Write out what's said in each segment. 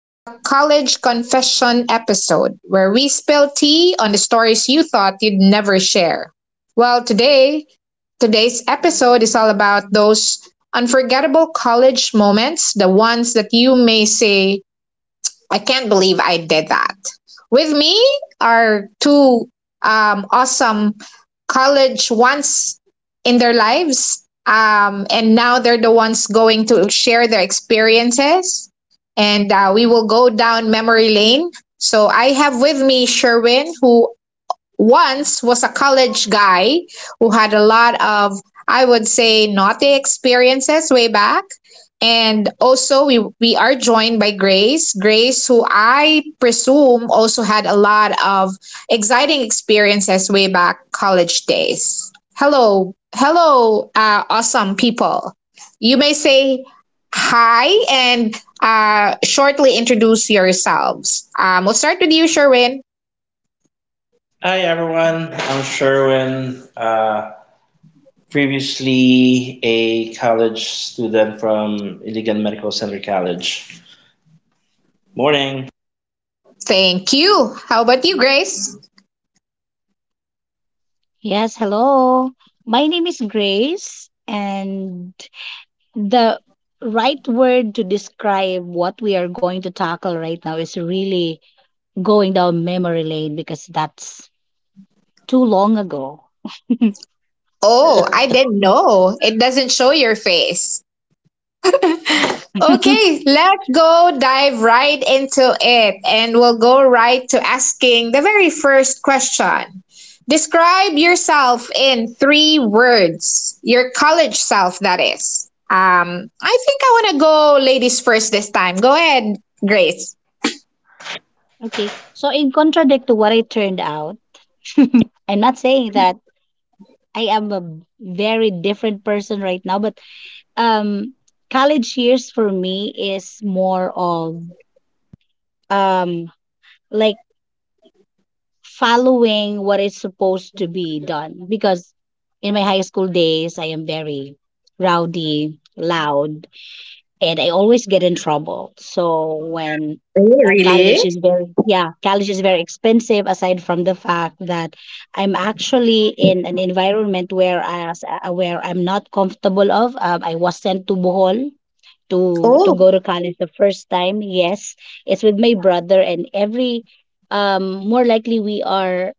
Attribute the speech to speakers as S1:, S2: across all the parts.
S1: The College Confession episode, where we spill tea on the stories you thought you'd never share. Well, today, today's episode is all about those unforgettable college moments, the ones that you may say, I can't believe I did that. With me are two awesome college once in their lives, and now they're the ones going to share their experiences. And we will go down memory lane. So I have with me Sherwin, who once was a college guy who had a lot of, I would say, naughty experiences way back. And also, we are joined by Grace, who I presume also had a lot of exciting experiences way back college days. Hello, hello, awesome people, you may say. Hi. And shortly introduce yourselves. We'll start with you, Sherwin.
S2: Hi everyone, I'm Sherwin, previously a college student from Iligan Medical Center College. Morning.
S1: Thank you. How about you, Grace?
S3: Yes, hello. My name is Grace, and the right word to describe what we are going to tackle right now is really going down memory lane because that's too long ago.
S1: Oh, I didn't know. It doesn't show your face. Okay, let's go dive right into it and we'll go right to asking the very first question. Describe yourself in three words. Your college self, that is. I think I want to go ladies first this time. Go ahead, Grace.
S3: Okay, so in contradict to what I turned out, I'm not saying that I am a very different person right now, but um, college years for me is more of um like following what is supposed to be done because in my high school days I am very rowdy, loud, and I always get in trouble. So when
S1: Oh, really?
S3: college is very yeah, college is very expensive aside from the fact that I'm actually in an environment where I'm not comfortable of. I was sent to Bohol to
S1: Oh.
S3: go to college the first time. Yes, it's with my brother and every more likely we are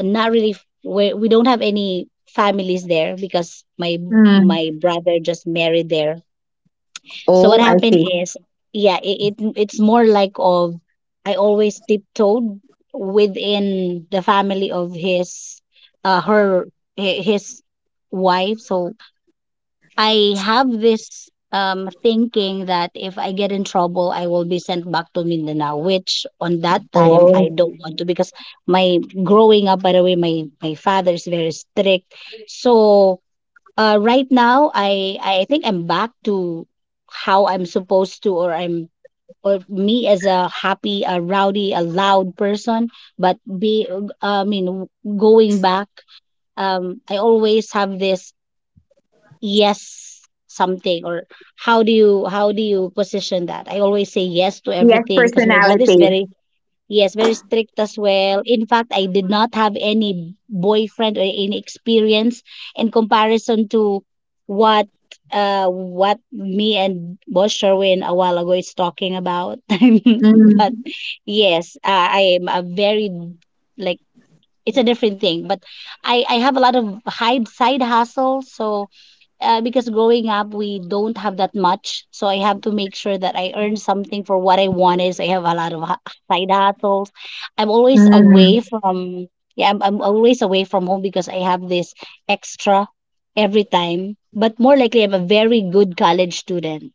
S3: not really we don't have any families there because
S1: Mm.
S3: my brother just married there. So what
S1: Oh, I
S3: happened
S1: see.
S3: is yeah, it it's more like of I always tiptoed within the family of uh her his wife. So I have this thinking that if I get in trouble, I will be sent back to Mindanao, which on that time I
S1: Oh.
S3: don't want to because my growing up, by the way, my father is very strict. So right now, I think I'm back to how I'm supposed to, or I'm or me as a happy, a rowdy, a loud person. But I mean, going back, I always have this yes something or how do you position that? I always say yes to
S1: Yes,
S3: everything because my brother's
S1: personality.
S3: very strict as well. In fact, I did not have any boyfriend or any experience in comparison to what what me and boss Sherwin a while ago is talking about. But
S1: Mm.
S3: yes, I am a very like it's a different thing, but I have a lot of hide side hustle, so because growing up we don't have that much, so I have to make sure that I earn something for what I want is I have a lot of side hustles. I'm always away
S1: Mm.
S3: from yeah I'm, always away from home because I have this extra every time, but more likely I'm a very good college student.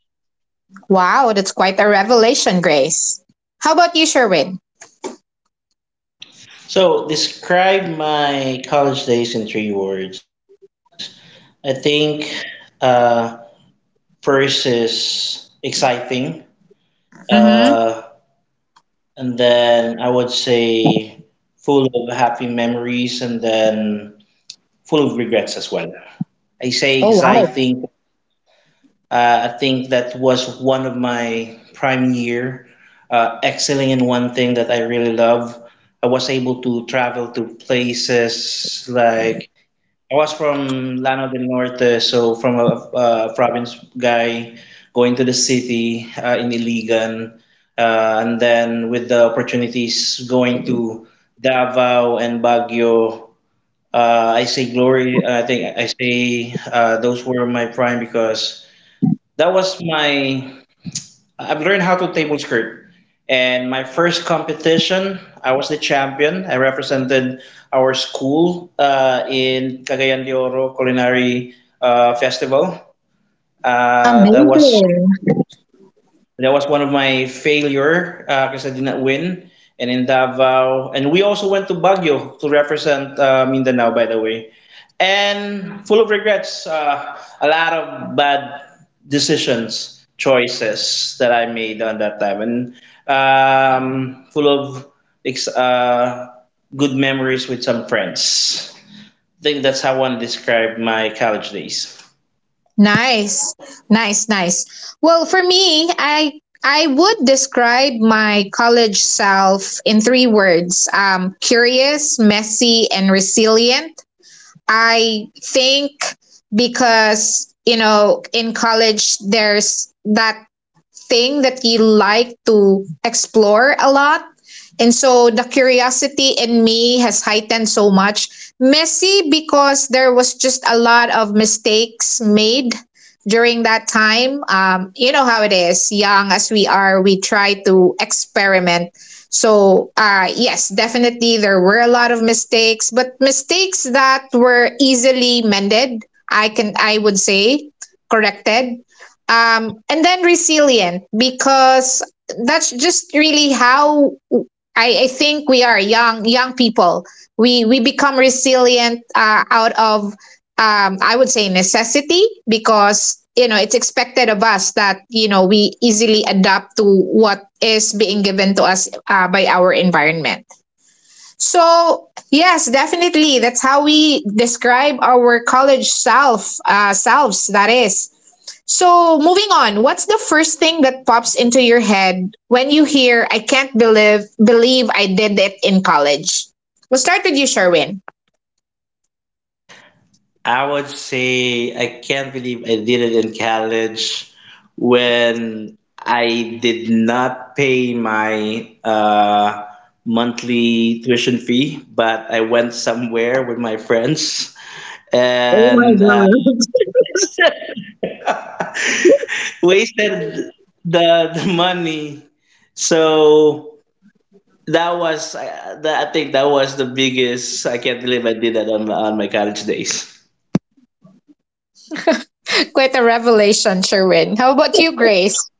S1: Wow, that's quite a revelation, Grace. How about you, Sherwin?
S2: So, describe my college days in three words. I think, uh, first is exciting, uh,
S1: Mm-hmm.
S2: and then I would say full of happy memories, and then full of regrets as well. I say
S1: Oh, wow.
S2: exciting. I think that was one of my prime year, excelling in one thing that I really love. I was able to travel to places like, I was from Lano del Norte, so from a province guy going to the city, in Iligan, and then with the opportunities going to Davao and Baguio. I say glory. I think I say, those were my prime because that was my I've learned how to table skirt. And my first competition, I was the champion. I represented our school, in Cagayan de Oro Culinary, Festival. Uh, that
S1: Amazing.
S2: was that was one of my failure because I did not win. And in Davao, and we also went to Baguio to represent, Mindanao, by the way. And full of regrets, a lot of bad decisions, choices that I made on that time, and full of ex- uh, good memories with some friends. I think that's how I want to describe my college days.
S1: Nice. Nice, nice. Well, for me, I would describe my college self in three words. Curious, messy, and resilient. I think because, you know, in college there's that thing that you like to explore a lot. And so the curiosity in me has heightened so much. Messy because there was just a lot of mistakes made during that time. You know how it is, young as we are, we try to experiment. So, yes, definitely there were a lot of mistakes, but mistakes that were easily mended, I would say corrected, and then resilient because that's just really how I think we are young people. We become resilient out of, I would say, necessity, because you know it's expected of us that, you know, we easily adapt to what is being given to us by our environment. So yes, definitely that's how we describe our college self, selves. That is so, moving on, what's the first thing that pops into your head when you hear I can't believe I did it in college? We'll start with you, Sherwin.
S2: I would say I can't believe I did it in college when I did not pay my monthly tuition fee, but I went somewhere with my friends
S1: Oh my
S2: and,
S1: God.
S2: wasted the money. So that was, I think that was the biggest. I can't believe I did that on my college days.
S1: Quite a revelation, Sherwin. How about you, Grace?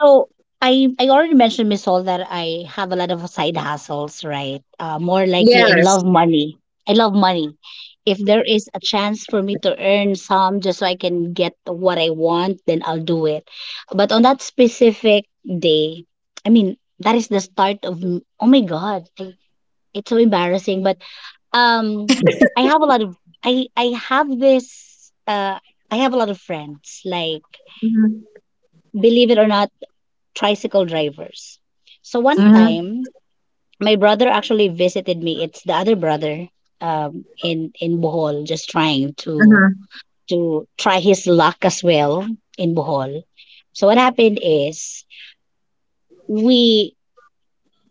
S3: So I already mentioned, Miss Sol, that I have a lot of side hustles, right? More likely, I
S1: Yes.
S3: love money. I love money. If there is a chance for me to earn some just so I can get what I want, then I'll do it. But on that specific day, I mean, that is the start of, oh my God, I, it's so embarrassing. But um, I have a lot of, I have this, I have a lot of friends, like,
S1: Mhm.
S3: believe it or not, tricycle drivers. So one
S1: Mm-hmm.
S3: time, my brother actually visited me. It's the other brother in Bohol, just trying to
S1: Mhm.
S3: try his luck as well in Bohol. So what happened is we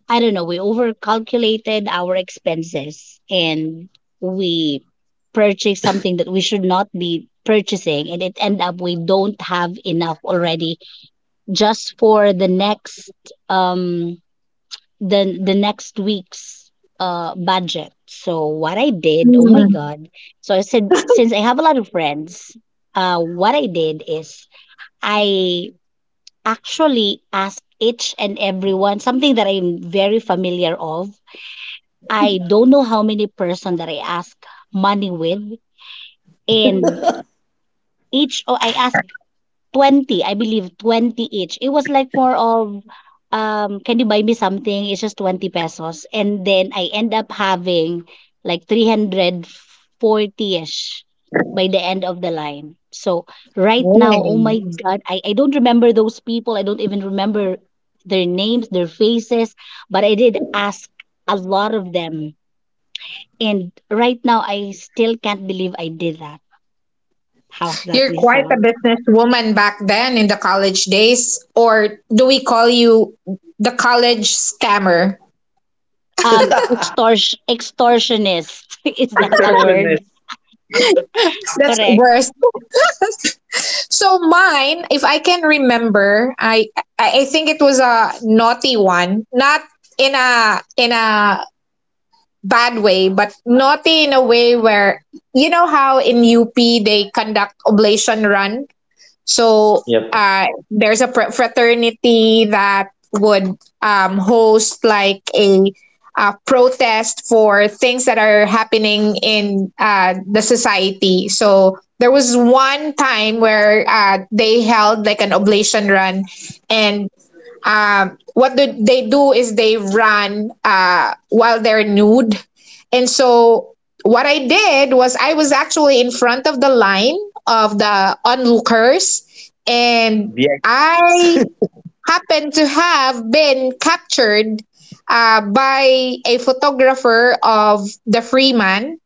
S3: I don't know, we overcalculated our expenses and we purchased something that we should not be purchasing, and it ended up we don't have enough already just for the next um the next week's budget. So what I did, oh my
S1: Mm.
S3: god. So I said since I have a lot of friends, what I did is I actually asked each and everyone something that I'm very familiar of. I don't know how many person that I ask money with, and I asked 20, I believe 20 each. It was like more of can you buy me something? It's just 20 pesos. And then I end up having like 340ish by the end of the line. So right
S1: Boy.
S3: now, oh my god, I don't remember those people. I don't even remember their names, their faces, but I did ask a lot of them. And right now I still can't believe I did that. How's that,
S1: You're
S3: Miss
S1: quite a
S3: Sol?
S1: businesswoman back then in the college days, or do we call you the college scammer?
S3: Extortionist. Is that a word?
S2: Extortionist.
S1: That's
S3: Correct.
S1: worse. So mine, if I can remember, I think it was a naughty one, not in a bad way, but naughty in a way where, you know, how in UP they conduct oblation run. So
S2: Yep.
S1: there's a fraternity that would, host like a, protest for things that are happening in, the society. So there was one time where they held like an oblation run, and what do they do is they run while they're nude. And so what I did was I was actually in front of the line of the onlookers, and
S2: BX.
S1: I happened to have been captured by a photographer of the Freeman,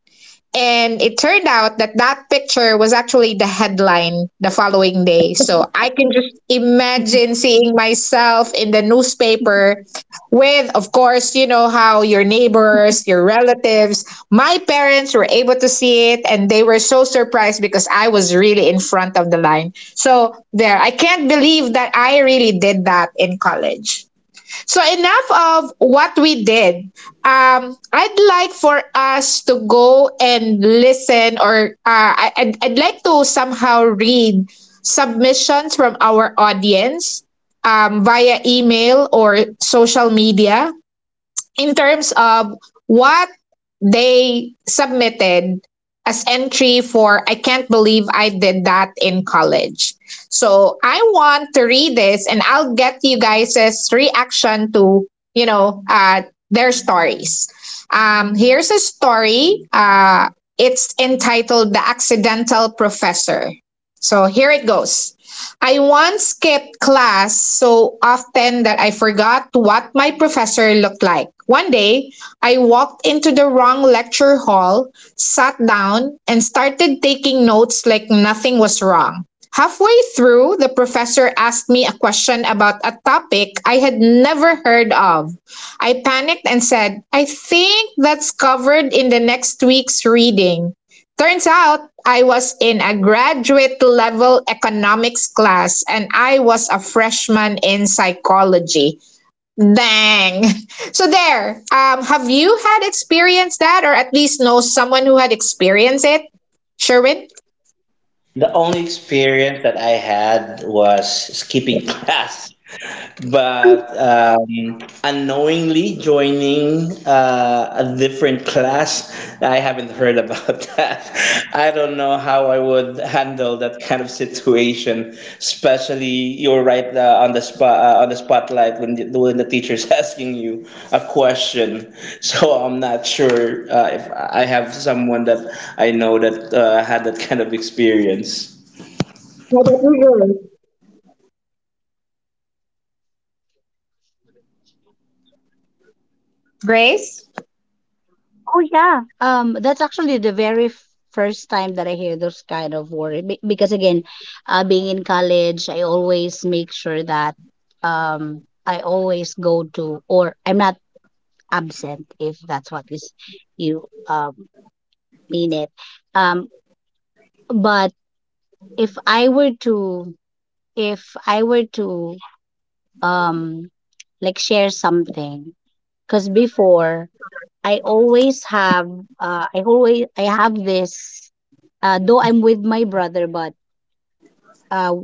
S1: and it turned out that that picture was actually the headline the following day. So I can just imagine seeing myself in the newspaper with, of course, you know, how your neighbors, your relatives, my parents were able to see it and they were so surprised because I was really in front of the line. So there, I can't believe that I really did that in college. So enough of what we did. I'd like for us to go and listen, or I'd like to somehow read submissions from our audience, via email or social media, in terms of what they submitted as entry for I can't believe I did that in college. So I want to read this and I'll get you guys' reaction to, you know, their stories. Here's a story. It's entitled The Accidental Professor. So here it goes. I once skipped class so often that I forgot what my professor looked like. One day, I walked into the wrong lecture hall, sat down, and started taking notes like nothing was wrong. Halfway through, the professor asked me a question about a topic I had never heard of. I panicked and said, I think that's covered in the next week's reading. Turns out I was in a graduate level economics class and I was a freshman in psychology. Dang. So there. Have you had experienced that or at least know someone who had experienced it? Sherwin?
S2: The only experience that I had was skipping class, but, unknowingly joining a different class. I haven't heard about that. I don't know how I would handle that kind of situation, especially you're right, on the spot, on the spotlight when when the teacher's asking you a question. So I'm not sure if I have someone that I know that had that kind of experience.
S1: How about you, Grace?
S3: Oh yeah. That's actually the very first time that I hear those kind of words. Because again, being in college, I always make sure that I always go to, or I'm not absent, if that's what is you mean it. Um, but if I were to if I were to um like share something. Because before, I always have, I always, I have this, though I'm with my brother, but uh,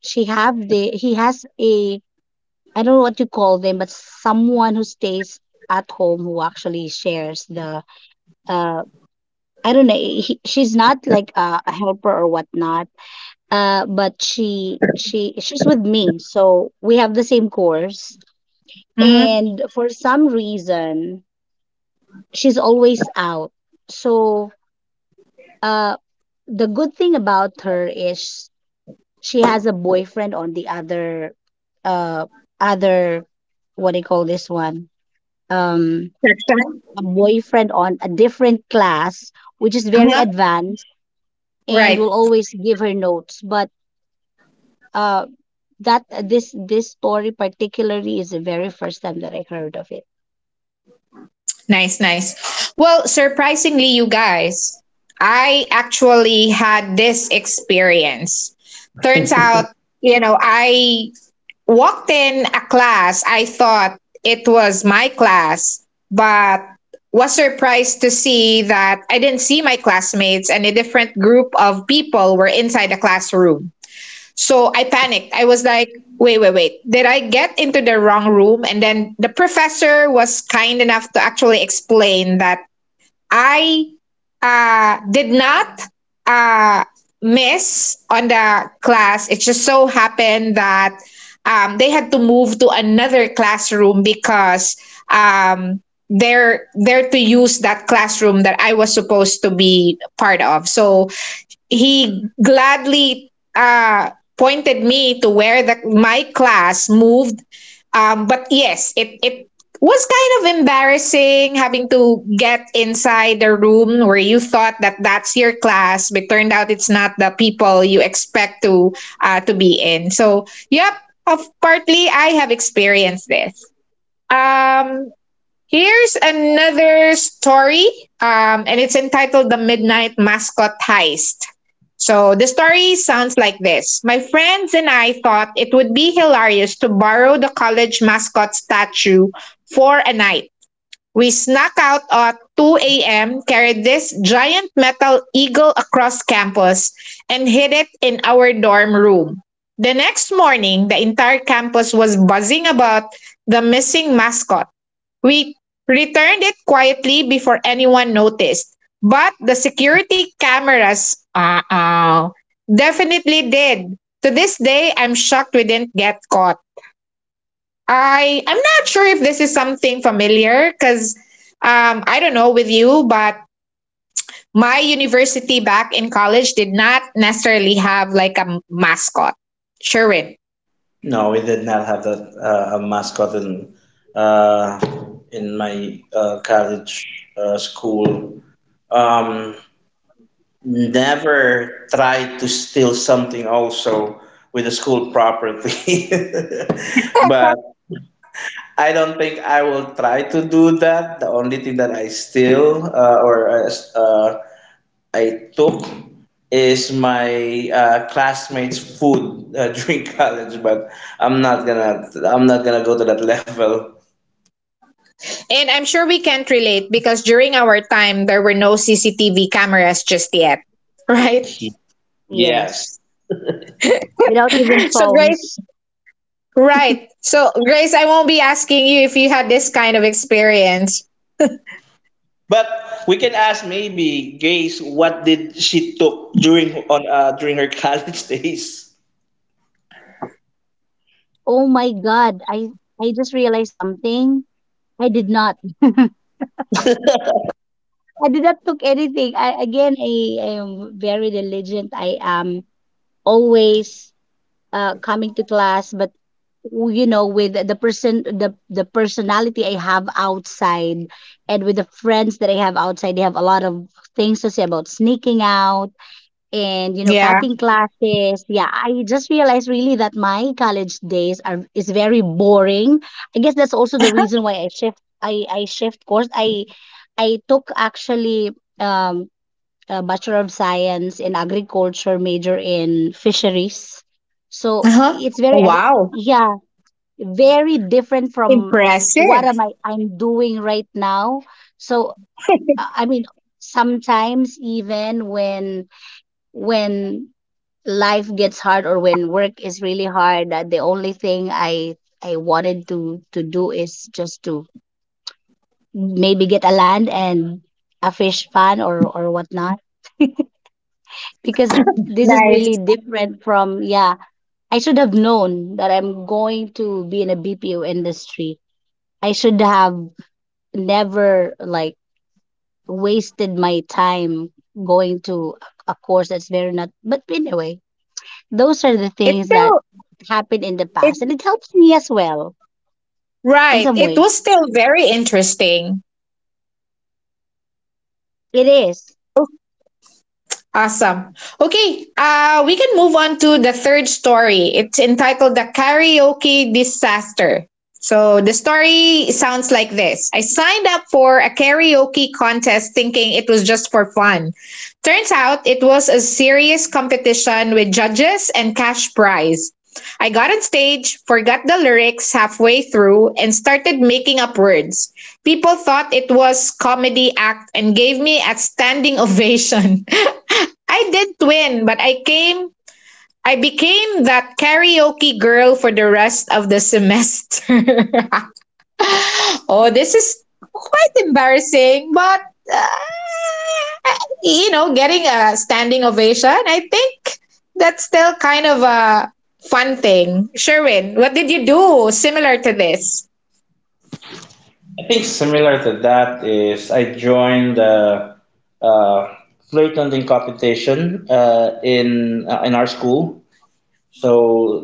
S3: he has a, I don't know what you call them, but someone who stays at home who actually shares the, uh, I don't know, she's not like a helper or whatnot, but she's with me, so we have the same course,
S1: Mm-hmm.
S3: and for some reason, she's always out. So uh the good thing about her is she has a boyfriend on the other uh other what do you call this one, um a boyfriend on a different class, which is very
S1: Uh-huh.
S3: advanced, and
S1: Right.
S3: will always give her notes. But uh that this story particularly is the very first time that I heard of it.
S1: Nice, nice. Well, surprisingly, you guys, I actually had this experience. Turns out, you know, I walked in a class. I thought it was my class, but was surprised to see that I didn't see my classmates and a different group of people were inside the classroom. So I panicked. I was like, wait, wait, wait. Did I get into the wrong room? And then the professor was kind enough to actually explain that I did not, uh, miss on the class. It just so happened that, they had to move to another classroom because, um, they're to use that classroom that I was supposed to be part of. So he gladly pointed me to where my class moved, but yes, it was kind of embarrassing having to get inside the room where you thought that that's your class, but turned out it's not the people you expect to be in. So, yep, of partly I have experienced this. Um, Here's another story, and it's entitled The Midnight Mascot Heist. So the story sounds like this. My friends and I thought it would be hilarious to borrow the college mascot statue for a night. We snuck out at 2 a.m., carried this giant metal eagle across campus, and hid it in our dorm room. The next morning, the entire campus was buzzing about the missing mascot. We returned it quietly before anyone noticed. But the security cameras, uh oh, definitely did. To this day, I'm shocked we didn't get caught. I'm not sure if this is something familiar because, I don't know with you, but my university back in college did not necessarily have like a mascot. Sherwin.
S2: No, we did not have that a mascot uh, in my college, school. Um, Never tried to steal something also with the school property, but I don't think I will try to do that. The only thing that I steal, or, uh, I took is my, classmates' food, during college, but I'm not gonna go to that level.
S1: And I'm sure we can't relate because during our time there were no CCTV cameras just yet. Right?
S3: Yes,
S2: Yes,
S3: without even
S1: So Grace,
S3: phones.
S1: right. So Grace, I won't be asking you if you had this kind of experience.
S2: but we can ask maybe Grace what did she took during her college days.
S3: Oh my god, I just realized something. I did not. I did not took anything. I, again, I am very diligent. I am always coming to class, but you know, with the person, the personality I have outside, and with the friends that I have outside, they have a lot of things to say about sneaking out and you know,
S1: Yeah.
S3: cutting classes. Yeah, I just realized really that my college days are is very boring. I guess that's also the reason why I shift. I shift course. I took actually um a Bachelor of Science in Agriculture, major in Fisheries. So
S1: Uh-huh.
S3: it's
S1: Oh,
S3: very,
S1: wow.
S3: yeah, very different from what
S1: Impressive.
S3: am I I'm doing right now. So I mean, sometimes even when life gets hard or when work is really hard, the only thing I wanted to do is just to maybe get a land and a fish pan or whatnot, because this is really
S1: Nice.
S3: different from yeah. I should have known that I'm going to be in a BPO industry. I should have never like wasted my time going to a course that's very not. But anyway, those are the
S1: It's
S3: things that
S1: still
S3: happened in the past, and
S1: it
S3: it helps me as well in
S1: right.
S3: some
S1: It
S3: way
S1: was still very interesting.
S3: it is.
S1: Awesome. Okay, we can move on to the third story. It's entitled The Karaoke Disaster. So the story sounds like this. I signed up for a karaoke contest thinking it was just for fun. Turns out it was a serious competition with judges and cash prize. I got on stage, forgot the lyrics halfway through, and started making up words. People thought it was comedy act and gave me a standing ovation. I didn't win, but I became that karaoke girl for the rest of the semester. Oh, this is quite embarrassing, but, uh, you know, getting a standing ovation, I think that's still kind of a fun thing. Sherwin, what did you do similar to this?
S2: I think similar to that is I joined the, uh, uh, flirting competition, in our school. So,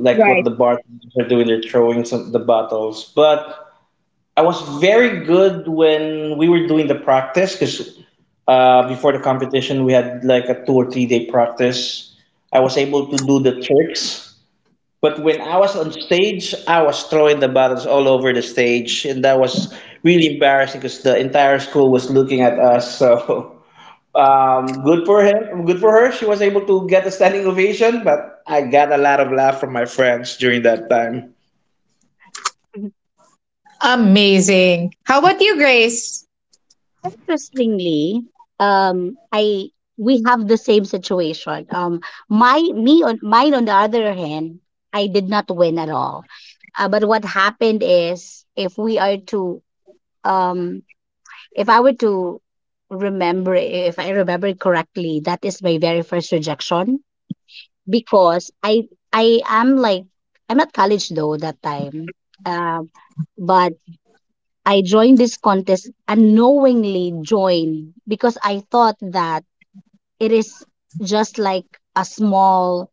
S2: like what
S1: Right.
S2: the bartenders are doing, they're throwing some the bottles. But I was very good when we were doing the practice because, before the competition, we had like a 2 or 3 day practice. I was able to do the tricks. But when I was on stage, I was throwing the bottles all over the stage, and that was really embarrassing because the entire school was looking at us. So good for him. Good for her. She was able to get a standing ovation, but I got a lot of laugh from my friends during that time.
S1: Amazing. How about you, Grace?
S3: Interestingly, I we have the same situation. My me on mine on the other hand, I did not win at all. But what happened is, if we are to, um, if I were to remember, if I remember it correctly, that is my very first rejection because I am like I'm not college though that time, um, but I joined this contest, unknowingly joined, because I thought that it is just like a small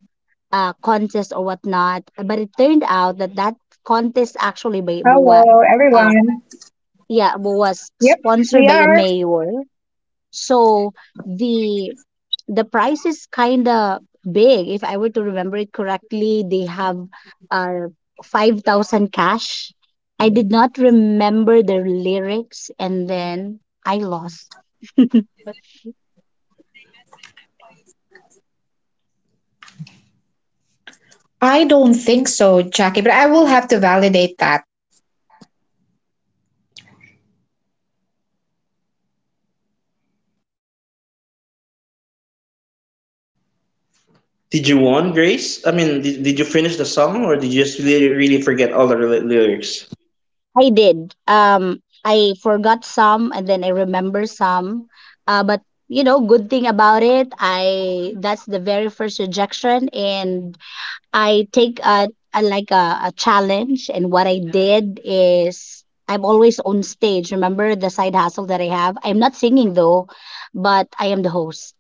S3: contest or whatnot. But it turned out that that contest actually
S1: Hello,
S3: uh,
S1: everyone.
S3: yeah, was
S1: Yep,
S3: sponsored
S1: we
S3: by a
S1: are.
S3: mayor. So the the price is kind of big. If I were to remember it correctly, they have uh, 5,000 cash. I did not remember their lyrics, and then I lost.
S1: I don't think so, Jackie, but I will have to validate that.
S2: Did you want Grace? I mean, did you finish the song, or did you just really, really forget all the lyrics?
S3: I did. I forgot some, and then I remember some. But you know, good thing about it, I that's the very first rejection, and I take a like a challenge, and what I did is I'm always on stage. Remember the side hustle that I have? I'm not singing though, but I am the host,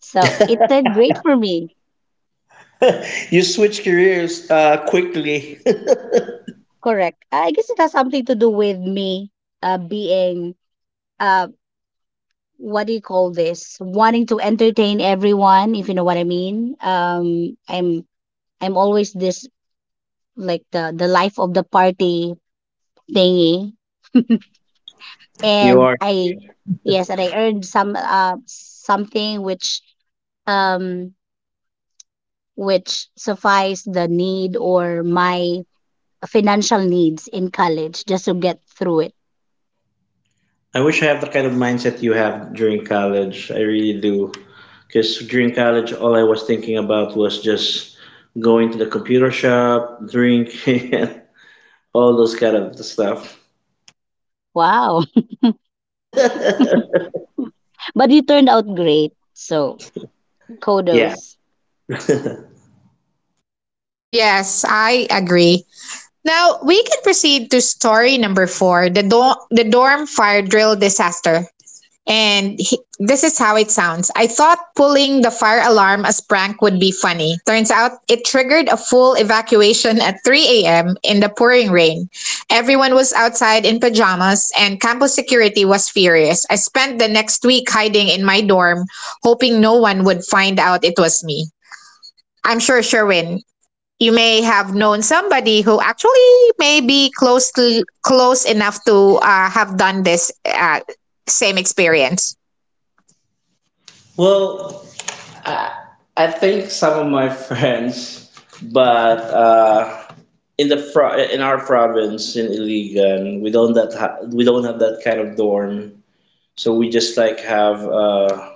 S3: so it did great for me.
S2: You switch careers, quickly.
S3: Correct. I guess it has something to do with me being uh what do you call this? Wanting to entertain everyone, if you know what I mean. I'm always this like the life of the party thingy,
S2: You
S3: and
S2: are.
S3: I yes, and I earned some something um which suffice the need or my financial needs in college just to get through it.
S2: I wish I have the kind of mindset you have during college. I really do. Because during college, all I was thinking about was just going to the computer shop, drinking, all those kind of stuff.
S3: Wow. But you turned out great. So
S2: Yeah.
S3: kudos.
S1: Yes, I agree. Now we can proceed to story number four, the, the dorm fire drill disaster. And he, this is how it sounds. I thought pulling the fire alarm as prank would be funny. Turns out it triggered a full evacuation at 3 a.m. in the pouring rain. Everyone was outside in pajamas and campus security was furious. I spent the next week hiding in my dorm, hoping no one would find out it was me. I'm sure Sherwin, you may have known somebody who actually may be close to, close enough to have done this, same experience.
S2: Well, I, I think some of my friends, but, in our province in Iligan, we don't have that kind of dorm. So we just like have,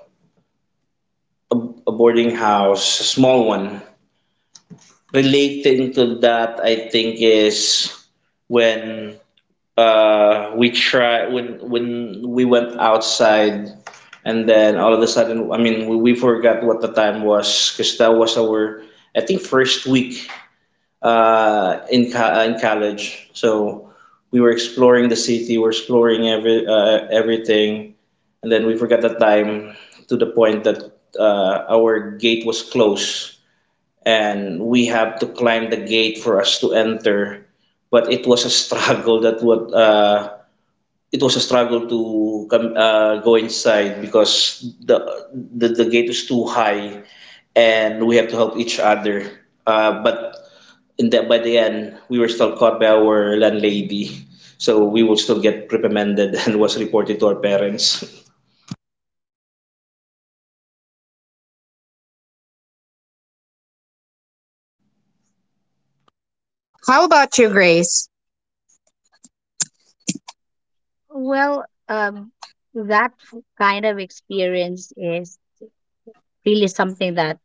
S2: a, a boarding house, a small one. Relating to that, I think, is when, we try when we went outside. And then all of a sudden, I mean, we forgot what the time was because that was our, I think, first week, in college. So we were exploring the city, we're exploring everything, and then we forgot the time to the point that, our gate was closed, and we have to climb the gate for us to enter. But it was a struggle to come go inside because the gate was too high, and we had to help each other. But by the end, we were still caught by our landlady, so we will still get reprimanded and was reported to our parents.
S1: How about you, Grace?
S3: Well, that kind of experience is really something that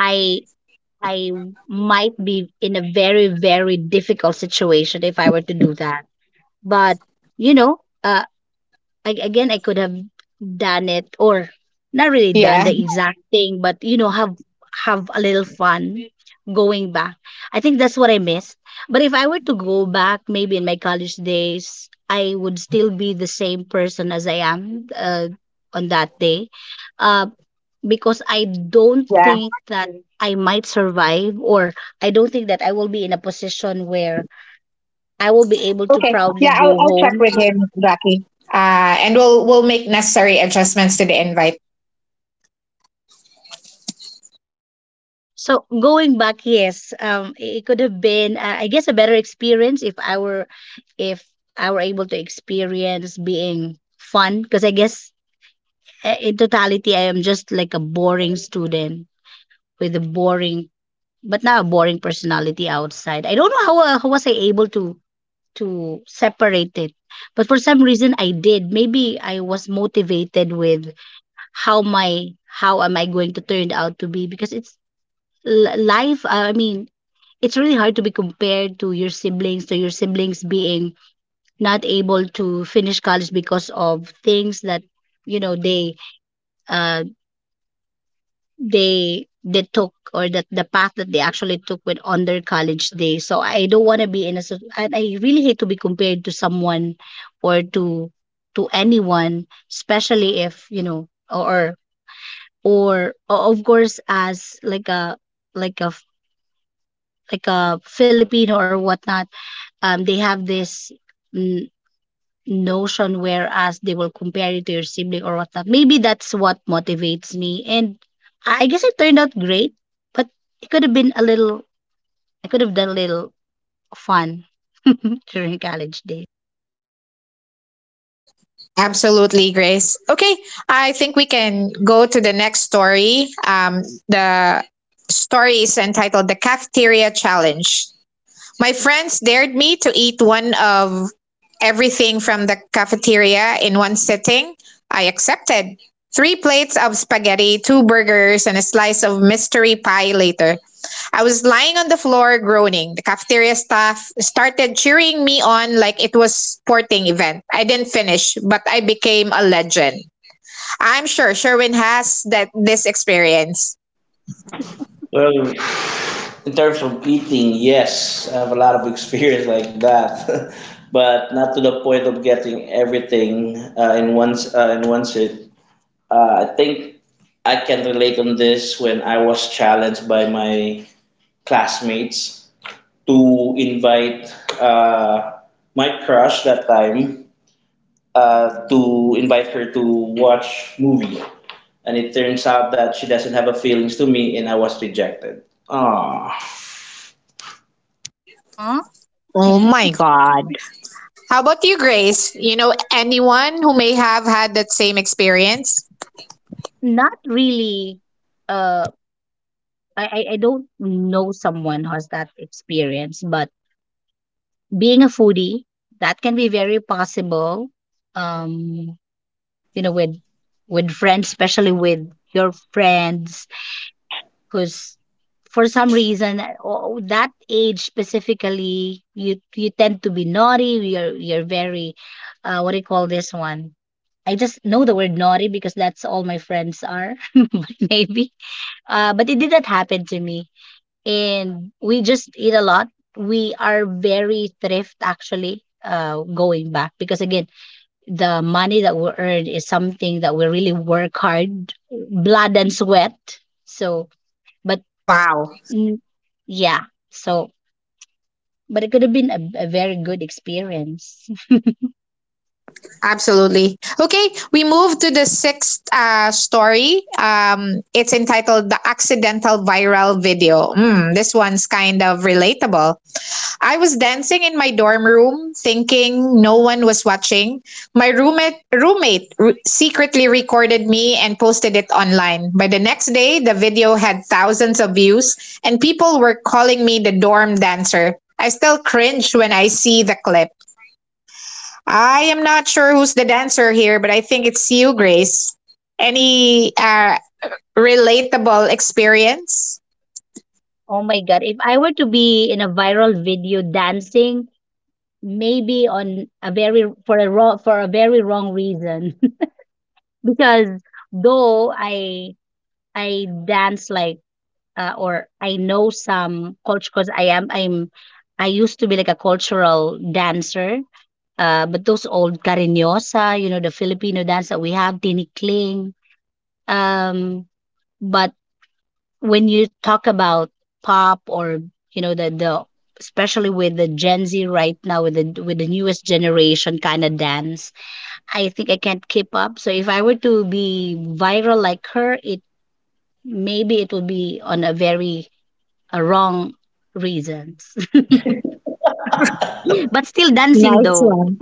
S3: I I might be in a very, very difficult situation if I were to do that. But you know, uh, I, again, I could have done it or not really done
S1: Yeah,
S3: the exact thing, but you know, have a little fun going back. I think that's what I missed. But if I were to go back, maybe in my college days, I would still be the same person as I am on that day, uh, because I don't
S1: yeah.
S3: think that I might survive, or I don't think that I will be in a position where I will be able to
S1: Okay.
S3: proudly
S1: Yeah,
S3: go
S1: I'll check
S3: home.
S1: with him, Jackie. And we'll make necessary adjustments to the invite.
S3: So going back, yes, it could have been, I guess, a better experience if I were able to experience being fun. Because I guess in totality, I am just like a boring student with a boring, but not a boring personality outside. I don't know how was I able to separate it, but for some reason I did. Maybe I was motivated with how my how am I going to turn out to be because it's life. I mean it's really hard to be compared to your siblings being not able to finish college because of things that you know they uh they took, or that the path that they actually took when on their college days. So I don't want to be in a and I really hate to be compared to someone or to anyone, especially if you know or of course, as like a like a like a Filipino or whatnot. They have this n- notion whereas they will compare you to your sibling or whatnot. Maybe that's what motivates me. And I guess it turned out great, but it could have been a little, I could have done a little fun during college days.
S1: Absolutely, Grace. Okay, I think we can go to the next story. The story is entitled The Cafeteria Challenge. My friends dared me to eat one of everything from the cafeteria in one sitting. I accepted. Three plates of spaghetti, two burgers, and a slice of mystery pie later. I was lying on the floor groaning. The cafeteria staff started cheering me on like it was sporting event. I didn't finish, but I became a legend. I'm sure Sherwin has that this experience.
S2: Well, in terms of eating, yes, I have a lot of experience like that, but not to the point of getting everything, in one sit. I think I can relate on this when I was challenged by my classmates to invite, uh, my crush that time, to invite her to watch movie, and it turns out that she doesn't have a feelings to me, and I was rejected. Ah.
S3: Aw,
S1: Oh my God. How about you, Grace? You know anyone who may have had that same experience?
S3: not really. Uh, I I don't know someone who has that experience, but being a foodie, that can be very possible. Um, you know, with friends, especially with your friends, because for some reason that age specifically, you tend to be naughty. You're very what do you call this one? I just know the word naughty because that's all my friends are. But maybe but it didn't happen to me. And we just eat a lot. We are very thrift actually, going back, because again, the money that we earn is something that we really work hard, blood and sweat. So, but
S1: Wow,
S3: mm, yeah, so but it could have been a very good experience.
S1: absolutely. Okay, we move to the sixth story. It's entitled The Accidental Viral Video. Mm, this one's kind of relatable. I was dancing in my dorm room, thinking no one was watching. My roommate secretly recorded me and posted it online. By the next day, the video had thousands of views, and people were calling me the dorm dancer. I still cringe when I see the clip. I am not sure who's the dancer here, but I think it's you, Grace. Any relatable experience?
S3: Oh my god, if I were to be in a viral video dancing, maybe on a very for a wrong for a very wrong reason, because though I dance like or I know some culture because I am I'm I used to be like a cultural dancer. But those old cariñosa, you know, the Filipino dance that we have, tinikling. Um, but when you talk about pop or you know the, especially with the Gen Z right now, with the newest generation kind of dance, I think I can't keep up. So if I were to be viral like her, it maybe it would be on a very wrong reasons. But still dancing
S1: Nice
S3: though.
S1: one.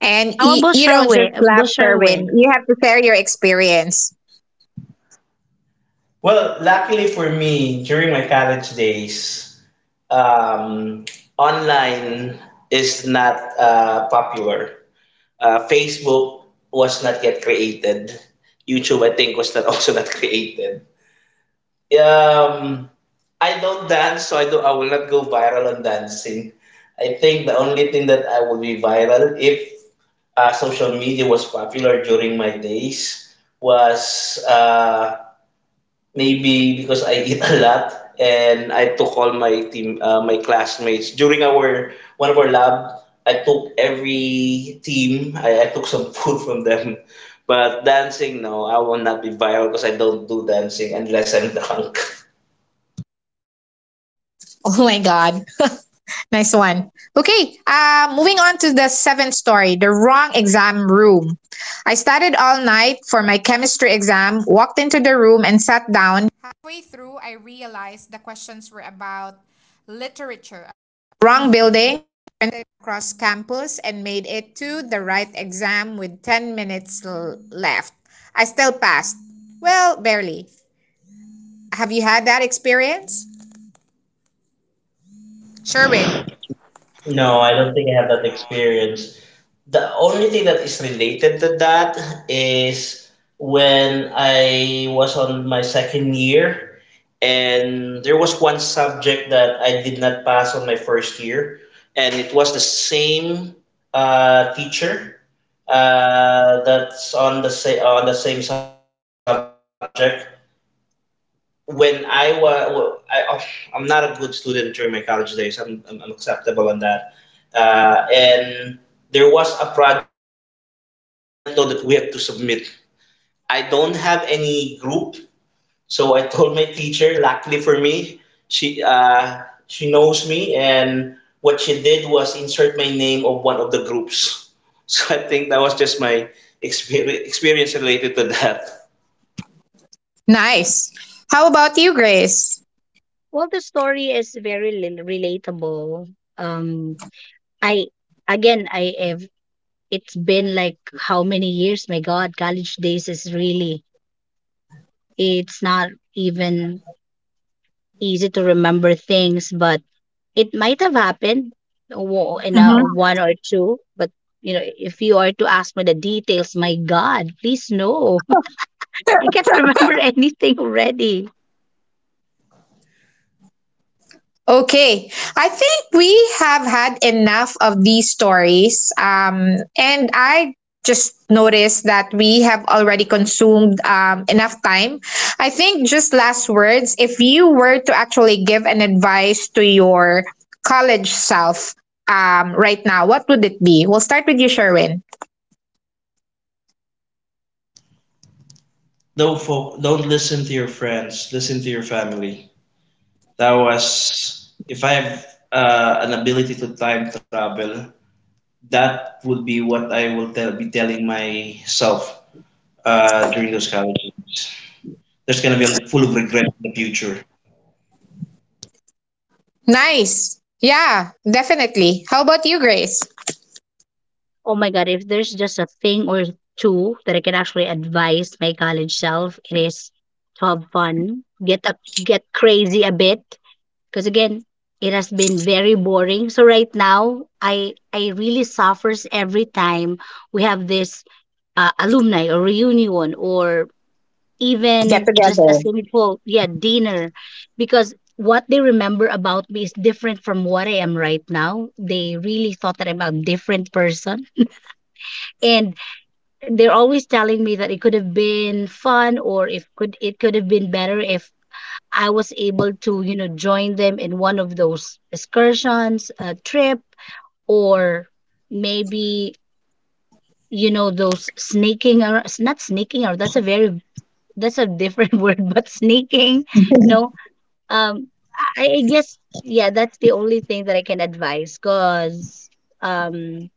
S1: And
S3: How
S1: you,
S3: about
S1: you don't
S3: Sherwin?
S1: just clap,
S3: About
S1: Ferwin.
S3: Sherwin?
S1: You have to share your experience.
S2: Well, luckily for me, during my college days, um, online is not, popular. Facebook was not yet created. YouTube, I think, was not also not created. Um, I don't dance, so I do. I will not go viral on dancing. I think the only thing that I will be viral if, social media was popular during my days was, maybe because I eat a lot and I took all my team, my classmates during our one of our lab. I took every team. I took some food from them, but dancing no, I will not be viral because I don't do dancing unless I'm drunk.
S1: Oh my God. Nice one. Okay. Moving on to the seventh story, the wrong exam room. I studied all night for my chemistry exam, walked into the room, and sat down. Halfway through, I realized the questions were about literature.
S2: No, I don't think I have that experience. The only thing that is related to that is when I was on my second year. And there was one subject that I did not pass on my first year, and it was the same, teacher, that's on on the same subject. When I was, I, Oh, I'm not a good student during my college days. I'm acceptable on that. And there was a project that I did not know that we had to submit. I don't have any group, so I told my teacher, luckily for me, she knows me, and what she did was insert my name of one of the groups. So I think that was just my experience related to that.
S1: Nice. How about you, Grace?
S3: Well, the story is very relatable. Um, I again, I have. It's been like how many years? My God, college days is really. It's not even easy to remember things, but it might have happened in a
S1: Hmm.
S3: one or two. But you know, if you are to ask me the details, my God, please no, I can't remember anything already.
S1: Okay, I think we have had enough of these stories. And I just noticed that we have already consumed, enough time. I think just last words, if you were to actually give an advice to your college self, right now, what would it be? We'll start with you, Sherwin.
S2: No, folk, don't listen to your friends. Listen to your family. That was, if I have, an ability to time travel, that would be what be telling myself, during those college years. There's gonna be a full of regret in the future.
S1: Nice. Yeah, definitely. How about you, Grace?
S3: Oh my god, if there's just a thing or two that I can actually advise my college self, it is to have fun, get a get crazy a bit, because again, it has been very boring. So right now, I really suffers every time we have this alumni or reunion or
S1: Get
S3: even just a
S1: together.
S3: simple yeah dinner, because what they remember about me is different from what I am right now. They really thought that I'm a different person, and they're always telling me that it could have been fun or if could it could have been better if I was able to, you know, join them in one of those excursions, a trip, or maybe, you know, those sneaking or not sneaking or that's a very that's a different word, but sneaking, you know. Um I guess yeah, that's the only thing that I can advise because um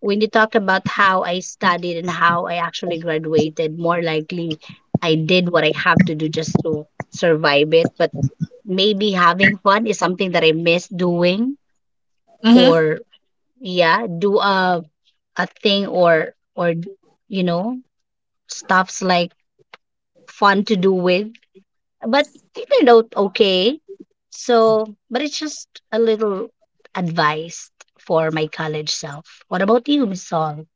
S3: when you talk about how I studied and how I actually graduated, more likely I did what I have to do just to survive it. But maybe having fun is something that I miss doing,
S1: Mm-hmm.
S3: or yeah, do a thing or you know stuffs like fun to do with. But it turned out okay. So, but it's just a little advice for my college self. What about you, Miss Sol?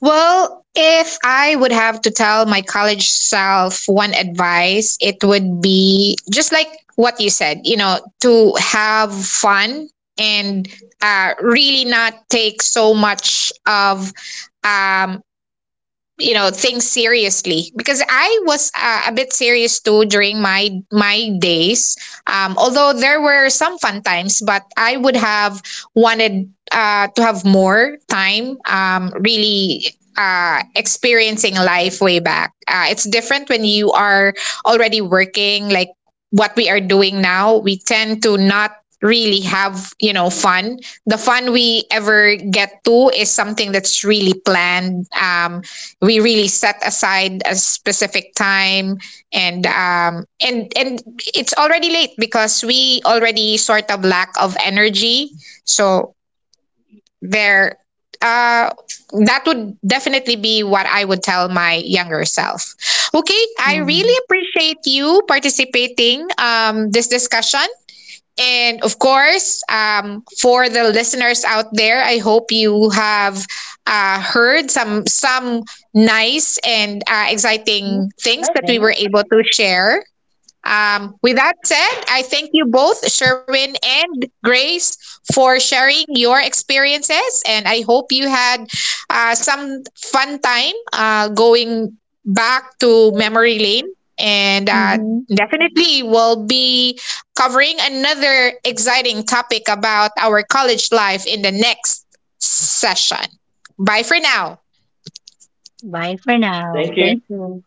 S1: Well, if I would have to tell my college self one advice, it would be just like what you said, you know, to have fun and, really not take so much of, um, you know, things seriously because I was a bit serious too during my days. Um, although there were some fun times, but I would have wanted to have more time, really experiencing life way back. It's different when you are already working like what we are doing now. We tend to not really have, you know, fun. The fun we ever get to is something that's really planned. We really set aside a specific time, and, and it's already late because we already sort of lack of energy. So there, uh that would definitely be what I would tell my younger self. Okay, I really appreciate you participating, this discussion, and of course, for the listeners out there, I hope you have heard some nice and,
S3: Mm,
S1: exciting things
S3: bye,
S1: that we were
S3: Venice.
S1: able to share. With that said, I thank you both, Sherwin and Grace, for sharing your experiences. And I hope you had some fun time going back to memory lane. And
S3: Mm-hmm.
S1: definitely, we'll be covering another exciting topic about our college life in the next session. Bye for now.
S3: Bye for now.
S2: Thank you.
S3: Thank you.